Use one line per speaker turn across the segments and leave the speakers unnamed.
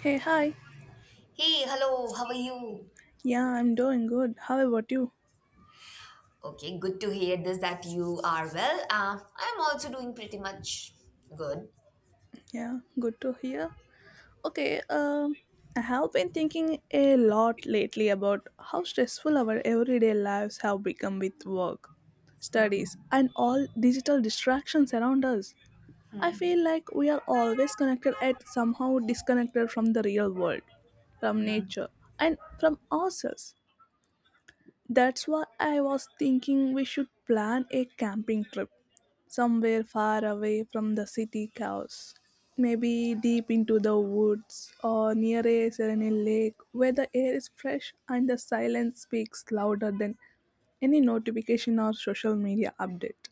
Hey, hi.
Hey, hello, how are you?
Yeah, I'm doing good. How about you?
Okay, good to hear this that you are well. I'm also doing pretty much good.
Yeah, good to hear. Okay, um, I have been thinking a lot lately about how stressful our everyday lives have become with work, studies, and all digital distractions around us. I feel like we are always connected yet somehow disconnected from the real world, from nature, and from ourselves. That's why I was thinking we should plan a camping trip somewhere far away from the city chaos. Maybe deep into the woods or near a serene lake where the air is fresh and the silence speaks louder than any notification or social media update.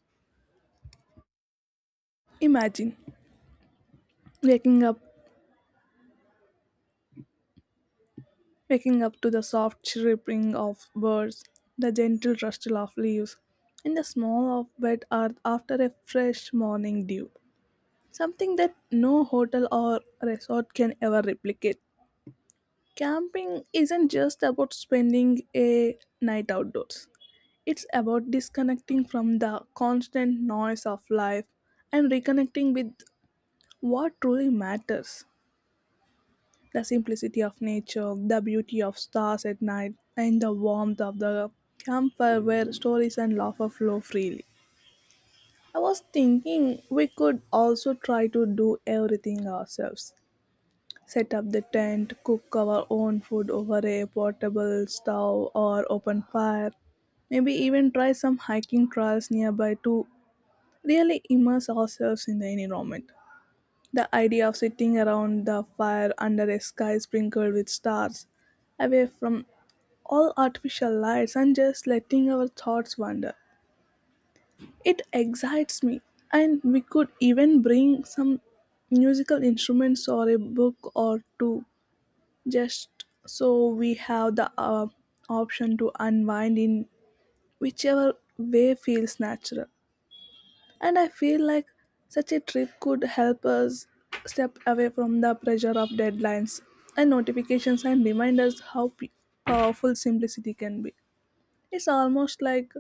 Imagine waking up waking up to the soft chirping of birds, the gentle rustle of leaves, and the smell of wet earth after a fresh morning dew. Something that no hotel or resort can ever replicate. Camping isn't just about spending a night outdoors, it's about disconnecting from the constant noise of life and reconnecting with what truly matters: the simplicity of nature, the beauty of stars at night, and the warmth of the campfire where stories and laughter flow freely. I was thinking we could also try to do everything ourselves: set up the tent, cook our own food over a portable stove or open fire, maybe even try some hiking trails nearby to really immerse ourselves in the environment. The idea of sitting around the fire under a sky sprinkled with stars, away from all artificial lights and just letting our thoughts wander. It excites me, and we could even bring some musical instruments or a book or two, just so we have the option to unwind in whichever way feels natural. And I feel like such a trip could help us step away from the pressure of deadlines and notifications and remind us how powerful simplicity can be. It's almost like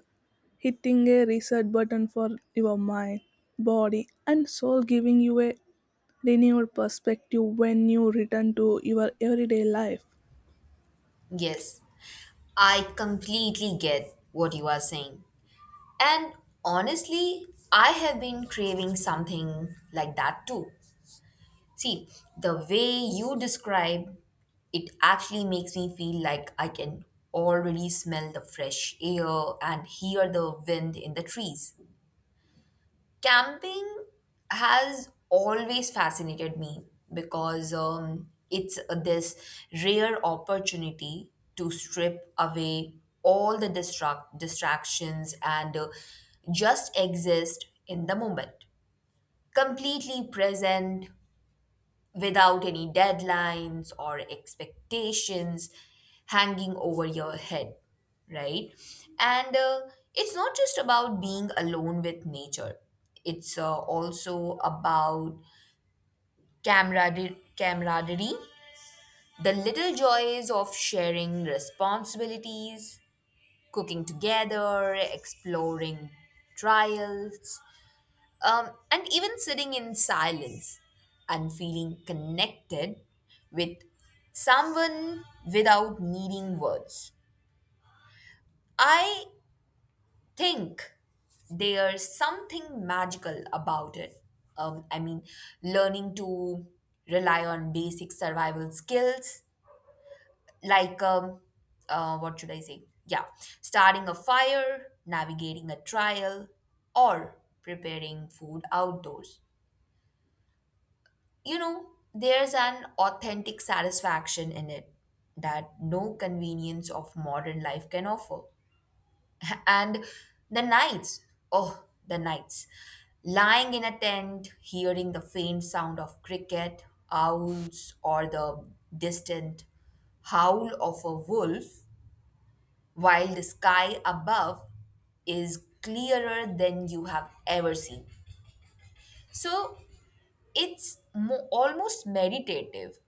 hitting a reset button for your mind, body, and soul, giving you a renewed perspective when you return to your everyday life.
Yes, I completely get what you are saying. And honestly, I have been craving something like that too. See, the way you describe it actually makes me feel like I can already smell the fresh air and hear the wind in the trees. Camping has always fascinated me because it's this rare opportunity to strip away all the distractions and just exist in the moment, completely present without any deadlines or expectations hanging over your head, right? And it's not just about being alone with nature, it's also about camaraderie, the little joys of sharing responsibilities, cooking together, exploring trials, and even sitting in silence and feeling connected with someone without needing words. I think there's something magical about it. I mean, learning to rely on basic survival skills like, what should I say? Yeah, starting a fire, navigating a trial, or preparing food outdoors, you know, there's an authentic satisfaction in it that no convenience of modern life can offer. And the nights, oh, the nights, lying in a tent, hearing the faint sound of cricket, owls, or the distant howl of a wolf, while the sky above is clearer than you have ever seen. So it's almost meditative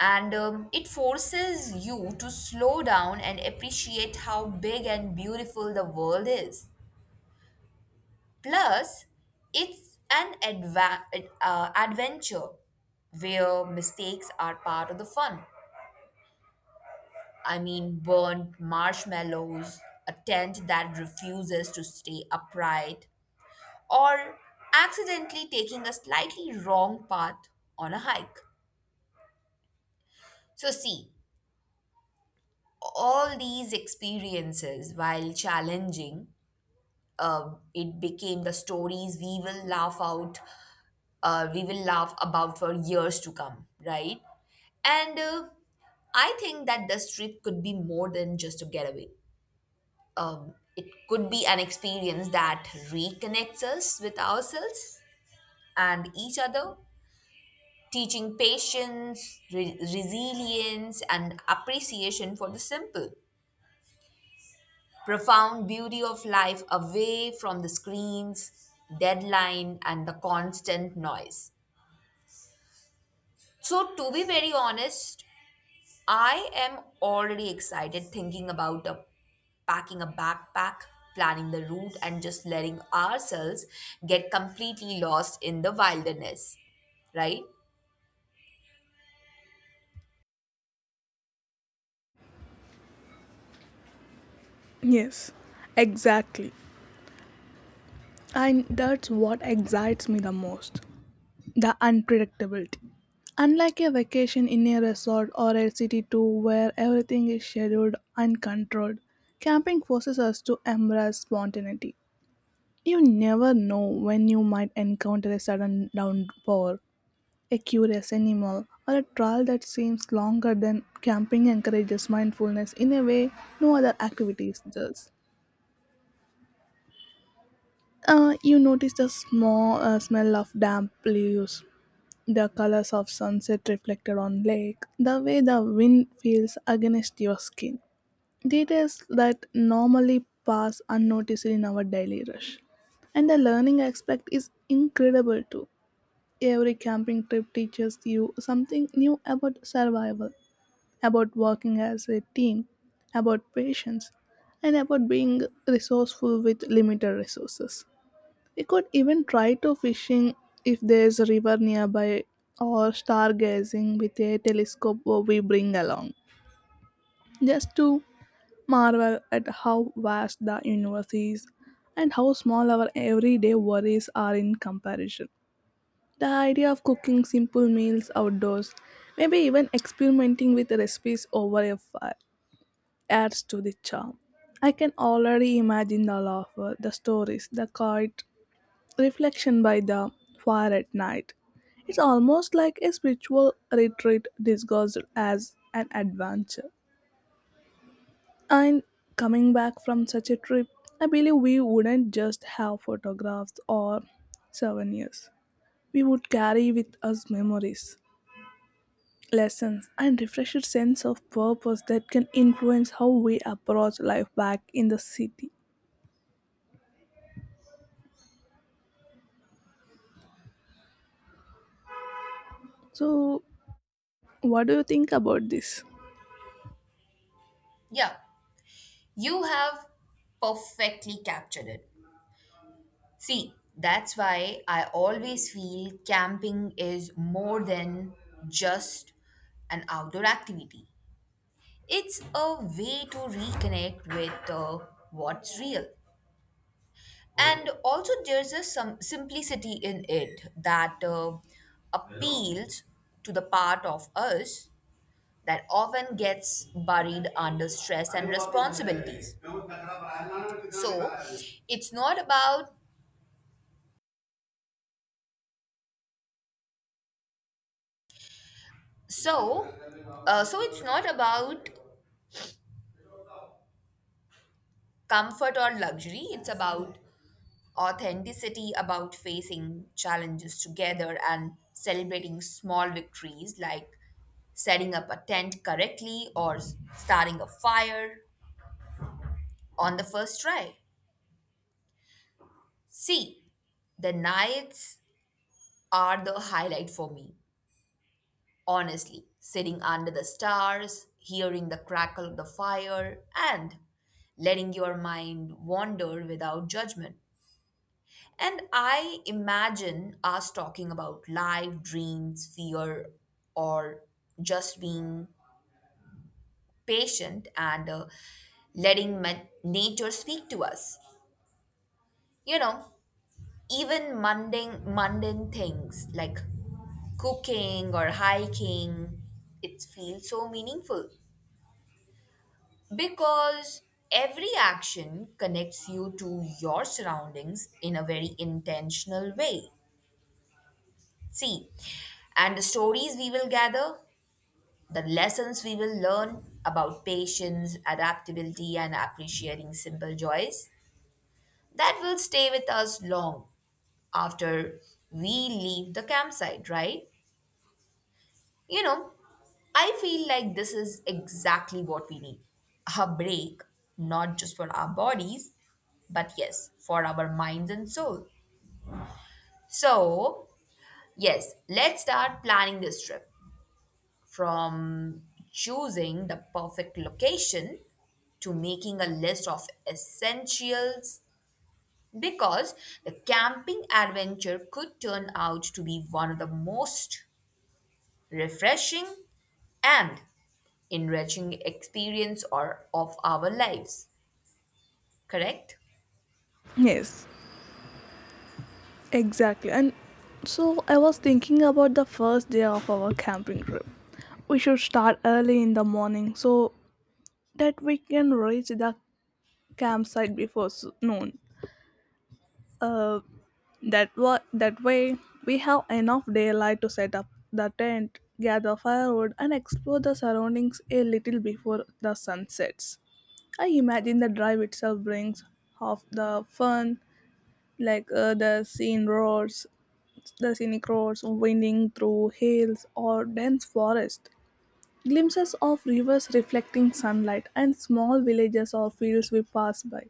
and it forces you to slow down and appreciate how big and beautiful the world is. Plus, it's an adventure where mistakes are part of the fun. I mean, burnt marshmallows, a tent that refuses to stay upright, or accidentally taking a slightly wrong path on a hike. So, see, all these experiences, while challenging, it became the stories we will laugh about for years to come, right? And I think that this trip could be more than just a getaway. It could be an experience that reconnects us with ourselves and each other, teaching patience, resilience, and appreciation for the simple, profound beauty of life away from the screens, deadline, and the constant noise. So, to be very honest, I am already excited thinking about packing a backpack, planning the route, and just letting ourselves get completely lost in the wilderness. Right?
Yes, exactly. And that's what excites me the most: the unpredictability. Unlike a vacation in a resort or a city tour where everything is scheduled and controlled, camping forces us to embrace spontaneity. You never know when you might encounter a sudden downpour, a curious animal, or a trail that seems longer than camping encourages mindfulness in a way no other activities does. You notice the small smell of damp leaves, the colors of sunset reflected on lake, the way the wind feels against your skin. Details that normally pass unnoticed in our daily rush. And the learning aspect is incredible too. Every camping trip teaches you something new about survival, about working as a team, about patience, and about being resourceful with limited resources. We could even try to fishing if there's a river nearby or stargazing with a telescope we bring along. Just to marvel at how vast the universe is and how small our everyday worries are in comparison. The idea of cooking simple meals outdoors, maybe even experimenting with recipes over a fire, adds to the charm. I can already imagine the laughter, the stories, the quiet reflection by the fire at night. It's almost like a spiritual retreat disguised as an adventure. And coming back from such a trip, I believe we wouldn't just have photographs or souvenirs. We would carry with us memories, lessons, and refreshed sense of purpose that can influence how we approach life back in the city. So, what do you think about this?
Yeah. You have perfectly captured it. See, that's why I always feel camping is more than just an outdoor activity. It's a way to reconnect with what's real. And also, there's a some simplicity in it that appeals to the part of us that often gets buried under stress and responsibilities. So it's not about So, it's not about comfort or luxury. It's about authenticity, about facing challenges together and celebrating small victories like setting up a tent correctly or starting a fire on the first try. See, the nights are the highlight for me. Honestly, sitting under the stars, hearing the crackle of the fire, and letting your mind wander without judgment. And I imagine us talking about life, dreams, fear, or just being patient and letting nature speak to us. You know, even mundane things like cooking or hiking, it feels so meaningful. Because every action connects you to your surroundings in a very intentional way. See, and the stories we will gather, the lessons we will learn about patience, adaptability, and appreciating simple joys, that will stay with us long after we leave the campsite, right? You know, I feel like this is exactly what we need, a break, not just for our bodies, but yes, for our minds and soul. So, yes, let's start planning this trip from choosing the perfect location to making a list of essentials, because the camping adventure could turn out to be one of the most refreshing and enriching experience or of our lives. Correct.
Yes. Exactly. And so I was thinking about the first day of our camping trip. We should start early in the morning so that we can reach the campsite before noon. Uh, that way we have enough daylight to set up the tent, gather firewood, and explore the surroundings a little before the sun sets. I imagine the drive itself brings half the fun, like the scene roars the scenic roads winding through hills or dense forests, glimpses of rivers reflecting sunlight, and small villages or fields we pass by.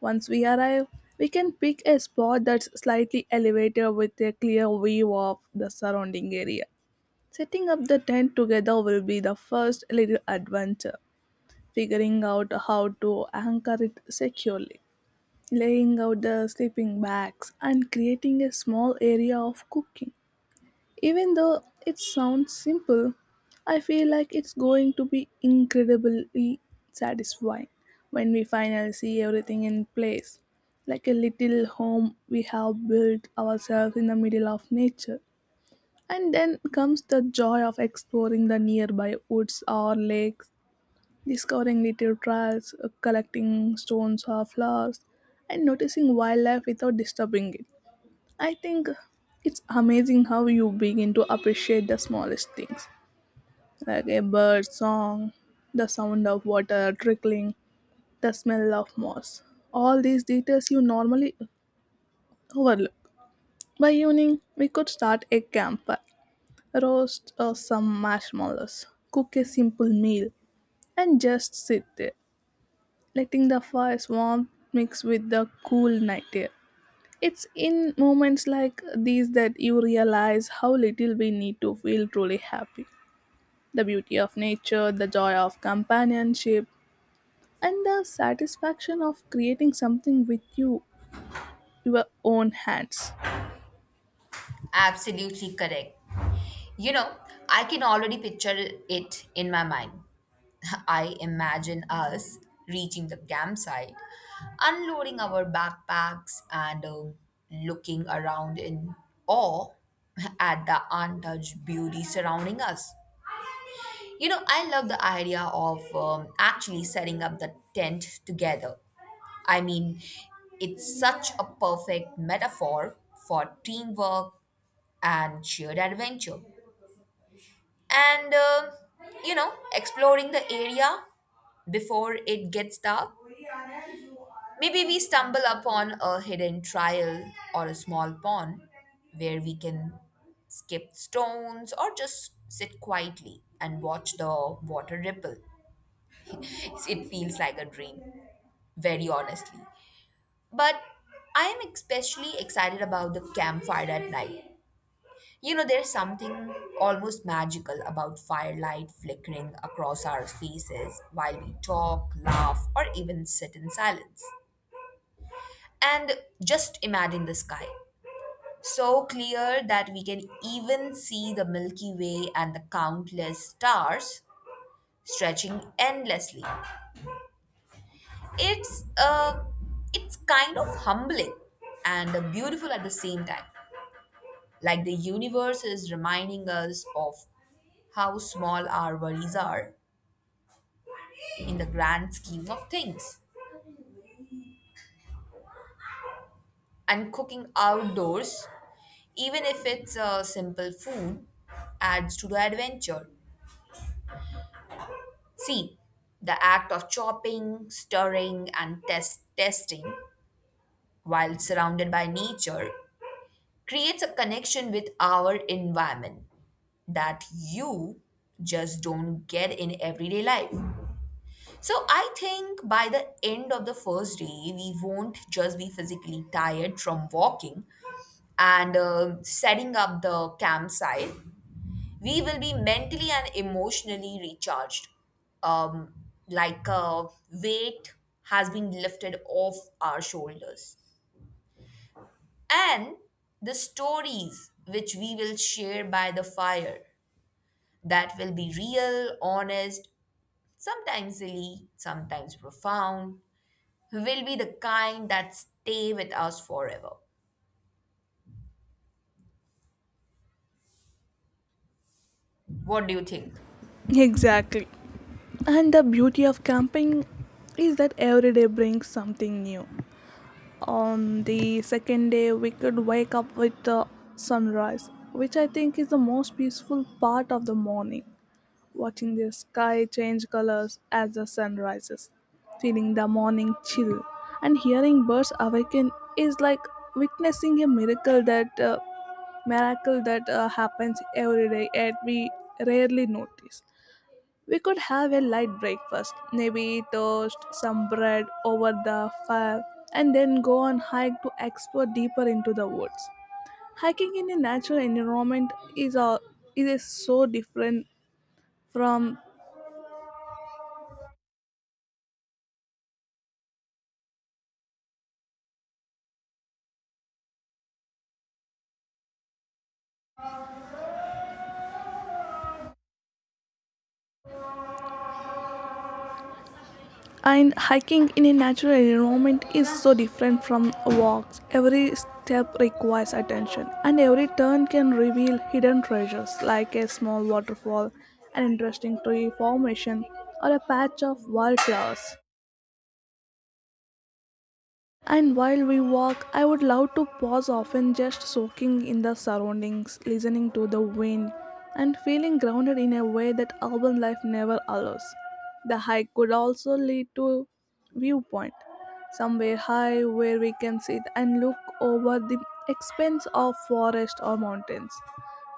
Once we arrive, we can pick a spot that's slightly elevated with a clear view of the surrounding area. Setting up the tent together will be the first little adventure, figuring out how to anchor it securely, laying out the sleeping bags, and creating a small area of cooking. Even though it sounds simple, I feel like it's going to be incredibly satisfying when we finally see everything in place, like a little home we have built ourselves in the middle of nature. And then comes the joy of exploring the nearby woods or lakes, discovering little trails, collecting stones or flowers, and noticing wildlife without disturbing it. I think it's amazing how you begin to appreciate the smallest things, like a bird song, the sound of water trickling, the smell of moss. All these details you normally overlook. By evening, we could start a campfire, roast some marshmallows, cook a simple meal, and just sit there, letting the fire's warmth mix with the cool night air. It's in moments like these that you realize how little we need to feel truly happy. The beauty of nature, the joy of companionship, and the satisfaction of creating something with you, your own hands.
Absolutely correct. You know, I can already picture it in my mind. I imagine us reaching the campsite, unloading our backpacks and looking around in awe at the untouched beauty surrounding us. You know, I love the idea of actually setting up the tent together. I mean, it's such a perfect metaphor for teamwork and shared adventure. And you know, exploring the area before it gets dark. Maybe we stumble upon a hidden trial or a small pond where we can skip stones or just sit quietly and watch the water ripple. It feels like a dream, very honestly. But I am especially excited about the campfire at night. You know, there's something almost magical about firelight flickering across our faces while we talk, laugh, or even sit in silence. And just imagine the sky. So clear that we can even see the Milky Way and the countless stars stretching endlessly. It's it's kind of humbling and beautiful at the same time, like the universe is reminding us of how small our worries are in the grand scheme of things. And cooking outdoors, even if it's a simple food, adds to the adventure. See, the act of chopping, stirring, and testing while surrounded by nature creates a connection with our environment that you just don't get in everyday life. So I think by the end of the first day, we won't just be physically tired from walking and setting up the campsite. We will be mentally and emotionally recharged, um, like a weight has been lifted off our shoulders, and the stories which we will share by the fire, that will be real, honest, sometimes silly, sometimes profound, will be the kind that stay with us forever. What do you think?
Exactly. And the beauty of camping is that every day brings something new. On the second day, we could wake up with the sunrise, which I think is the most peaceful part of the morning. Watching the sky change colors as the sun rises, feeling the morning chill, and hearing birds awaken is like witnessing a miracle that happens every day yet we rarely notice. We could have a light breakfast, maybe toast, some bread over the fire, and then go on hike to explore deeper into the woods. Hiking in a natural environment is a so different from and Hiking in a natural environment is so different from walks. Every step requires attention and every turn can reveal hidden treasures, like a small waterfall, an interesting tree formation, or a patch of wildflowers. And while we walk, I would love to pause often, just soaking in the surroundings, listening to the wind, and feeling grounded in a way that urban life never allows. The hike could also lead to viewpoint, somewhere high where we can sit and look over the expanse of forest or mountains,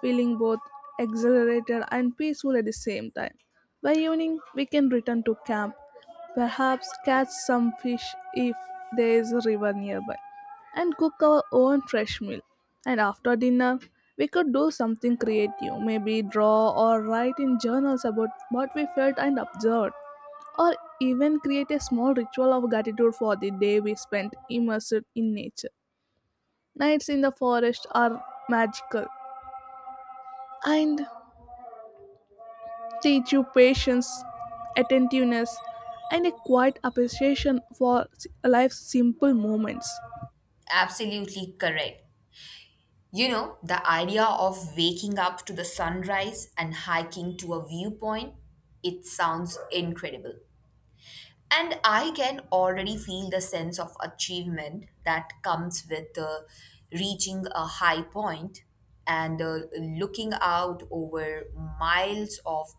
feeling both exhilarated and peaceful at the same time. By evening, we can return to camp, perhaps catch some fish if there is a river nearby, and cook our own fresh meal. And after dinner, we could do something creative, maybe draw or write in journals about what we felt and observed, or even create a small ritual of gratitude for the day we spent immersed in nature. Nights in the forest are magical, and teach you patience, attentiveness, and a quiet appreciation for life's simple moments.
Absolutely correct. You know, the idea of waking up to the sunrise and hiking to a viewpoint, it sounds incredible. And I can already feel the sense of achievement that comes with reaching a high point and looking out over miles of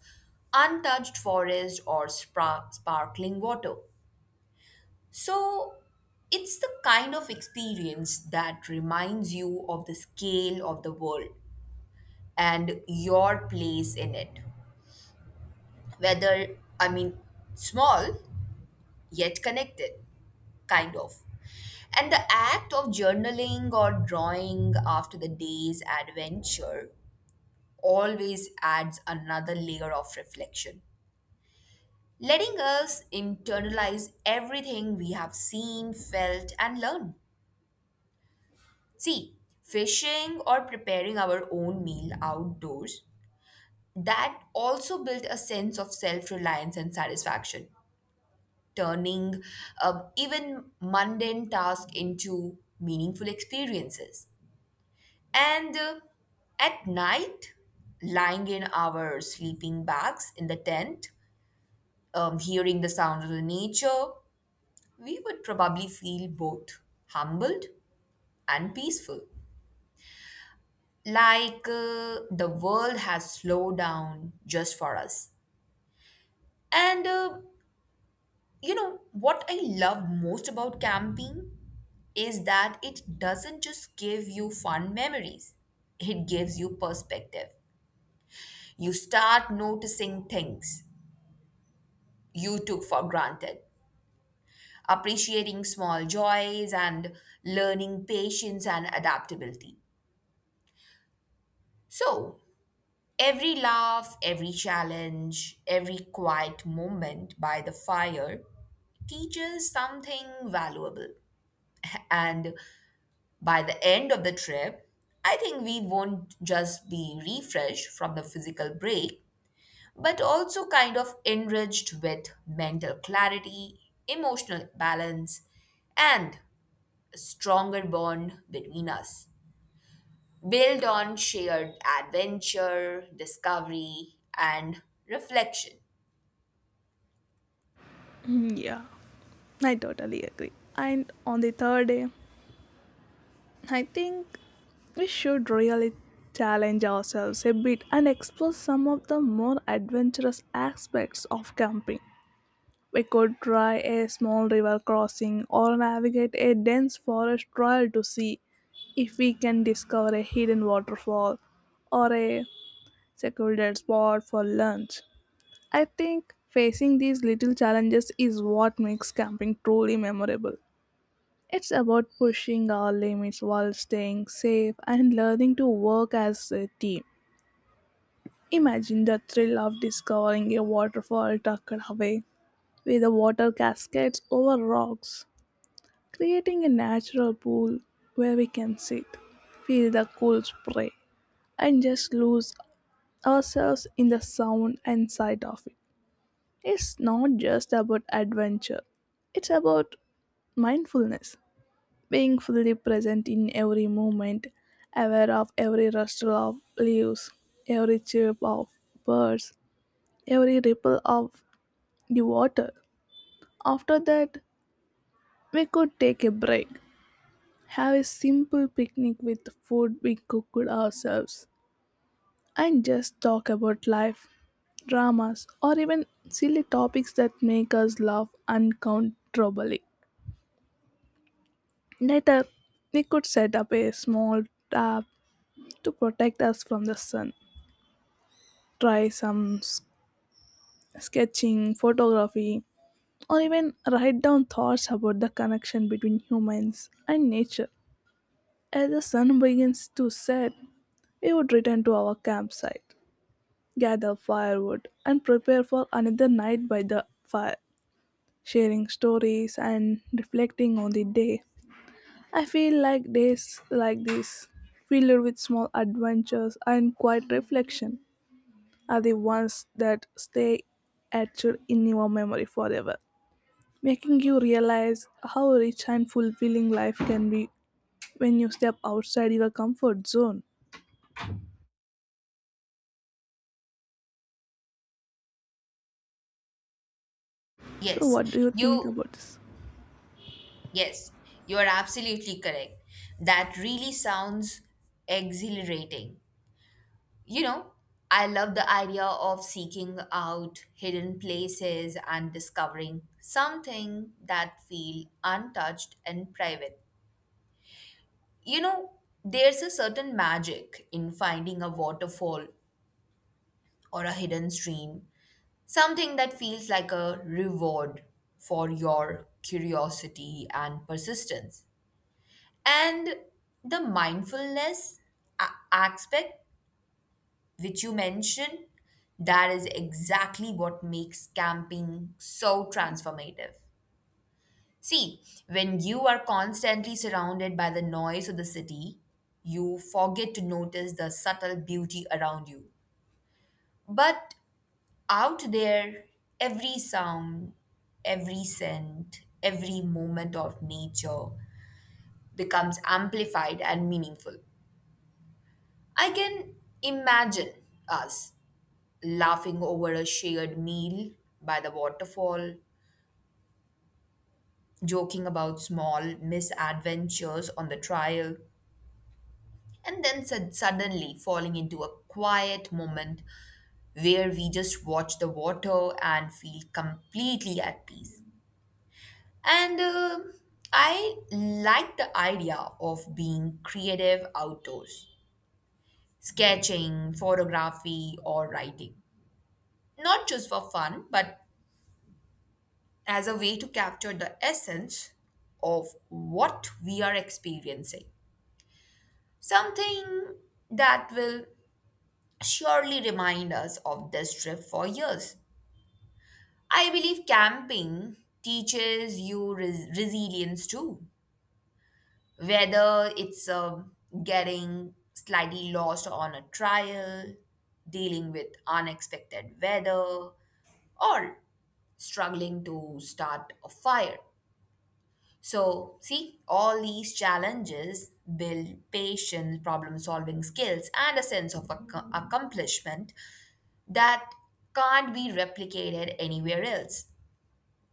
untouched forest or sparkling water. So it's the kind of experience that reminds you of the scale of the world and your place in it. Whether, I mean, small yet connected, kind of. And the act of journaling or drawing after the day's adventure always adds another layer of reflection, letting us internalize everything we have seen, felt, and learned. See, fishing or preparing our own meal outdoors, that also built a sense of self reliance and satisfaction, turning even mundane tasks into meaningful experiences. And at night, lying in our sleeping bags in the tent, hearing the sound of the nature, we would probably feel both humbled and peaceful. Like the world has slowed down just for us. And you know, what I love most about camping is that it doesn't just give you fun memories, it gives you perspective. You start noticing things you took for granted, appreciating small joys and learning patience and adaptability. So, every laugh, every challenge, every quiet moment by the fire teaches something valuable. And by the end of the trip, I think we won't just be refreshed from the physical break, but also kind of enriched with mental clarity, emotional balance, and a stronger bond between us, built on shared adventure, discovery, and reflection.
Mm, yeah, I totally agree. And on the third day, I think we should really challenge ourselves a bit and explore some of the more adventurous aspects of camping. We could try a small river crossing or navigate a dense forest trail to see if we can discover a hidden waterfall or a secluded spot for lunch. I think facing these little challenges is what makes camping truly memorable. It's about pushing our limits while staying safe and learning to work as a team. Imagine the thrill of discovering a waterfall tucked away, with the water cascades over rocks, creating a natural pool where we can sit, feel the cool spray, and just lose ourselves in the sound and sight of it. It's not just about adventure, it's about mindfulness, being fully present in every moment, aware of every rustle of leaves, every chirp of birds, every ripple of the water. After that, we could take a break, have a simple picnic with food we cooked ourselves, and just talk about life dramas, or even silly topics that make us laugh uncontrollably. Later, we could set up a small tab to protect us from the sun, try some sketching, photography, or even write down thoughts about the connection between humans and nature. As the sun begins to set, we would return to our campsite, gather firewood, and prepare for another night by the fire, sharing stories and reflecting on the day. I feel like days like this, filled with small adventures and quiet reflection, are the ones that stay etched in your memory forever, making you realize how rich and fulfilling life can be when you step outside your comfort zone. So,
Yes,
what do you think
you,
about this?
yes, you are absolutely correct. That really sounds exhilarating. You know, I love the idea of seeking out hidden places and discovering something that feel untouched and private. You know, there's a certain magic in finding a waterfall or a hidden stream, something that feels like a reward for your curiosity and persistence. And the mindfulness aspect, which you mentioned, that is exactly what makes camping so transformative. See, when you are constantly surrounded by the noise of the city, you forget to notice the subtle beauty around you. But out there, every sound, every scent, every moment of nature becomes amplified and meaningful. I can imagine us laughing over a shared meal by the waterfall, joking about small misadventures on the trail, and then suddenly falling into a quiet moment where we just watch the water and feel completely at peace. And I like the idea of being creative outdoors, sketching, photography, or writing. Not just for fun, but as a way to capture the essence of what we are experiencing. Something that will surely remind us of this trip for years. I believe camping teaches you resilience too, whether it's getting slightly lost on a trial, dealing with unexpected weather, or struggling to start a fire. So, see, all these challenges build patience, problem solving skills, and a sense of accomplishment that can't be replicated anywhere else.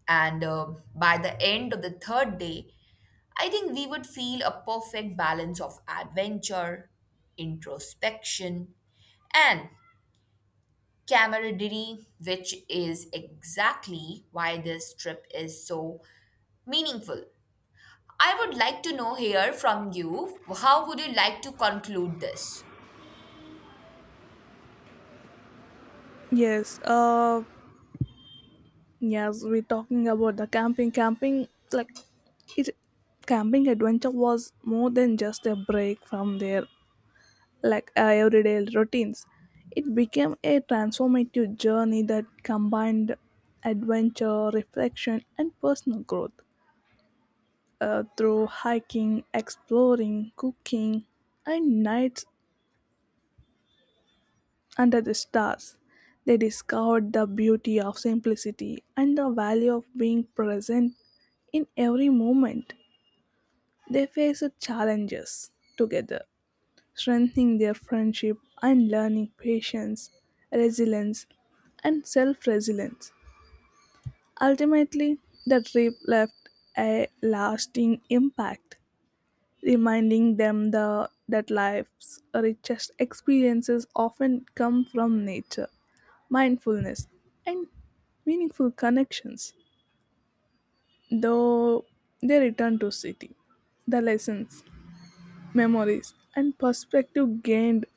And by the end of the third day, I think we would feel a perfect balance of adventure, introspection, and camaraderie, which is exactly why this trip is so meaningful. I would like to know here from you, how would you like to conclude this?
Yes, uh, yes, we're talking about the camping. It, Camping adventure was more than just a break from their everyday routines. It became a transformative journey that combined adventure, reflection, and personal growth. Through hiking, exploring, cooking, and nights under the stars, they discovered the beauty of simplicity and the value of being present in every moment. They faced challenges together, strengthening their friendship and learning patience, resilience, and self resilience. Ultimately, the trip left a lasting impact, reminding that life's richest experiences often come from nature, mindfulness, and meaningful connections. Though they return to city, the lessons, memories, and perspective gained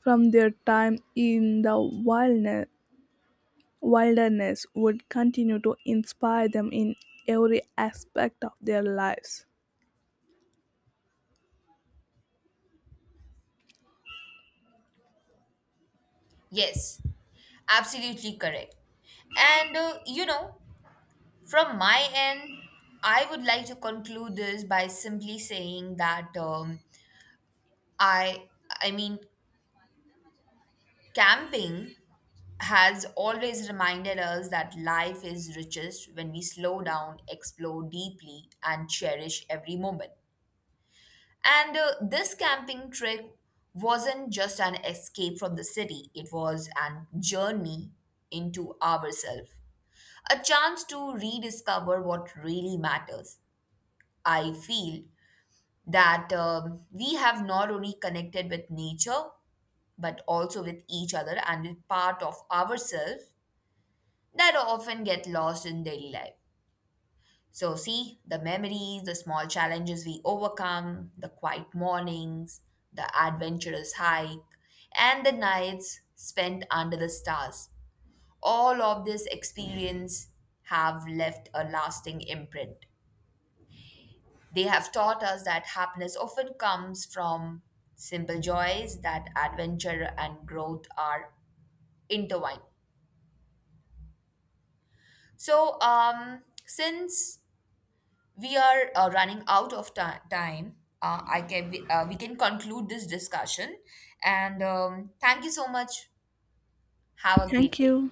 from their time in the wilderness would continue to inspire them in every aspect of their lives.
Yes, absolutely correct. And you know, from my end, I would like to conclude this by simply saying that I, I mean, camping has always reminded us that life is richest when we slow down, explore deeply, and cherish every moment. And this camping trip wasn't just an escape from the city, it was an journey into ourselves, a chance to rediscover what really matters. I feel that we have not only connected with nature but also with each other and with part of ourselves that often get lost in daily life. So, see, the memories, the small challenges we overcome, the quiet mornings, the adventurous hike, and the nights spent under the stars. All of this experience have left a lasting imprint. They have taught us that happiness often comes from simple joys, that adventure and growth are intertwined. So, since we are running out of time. We can conclude this discussion, and thank you so much. Have a great
Thank
day.
you.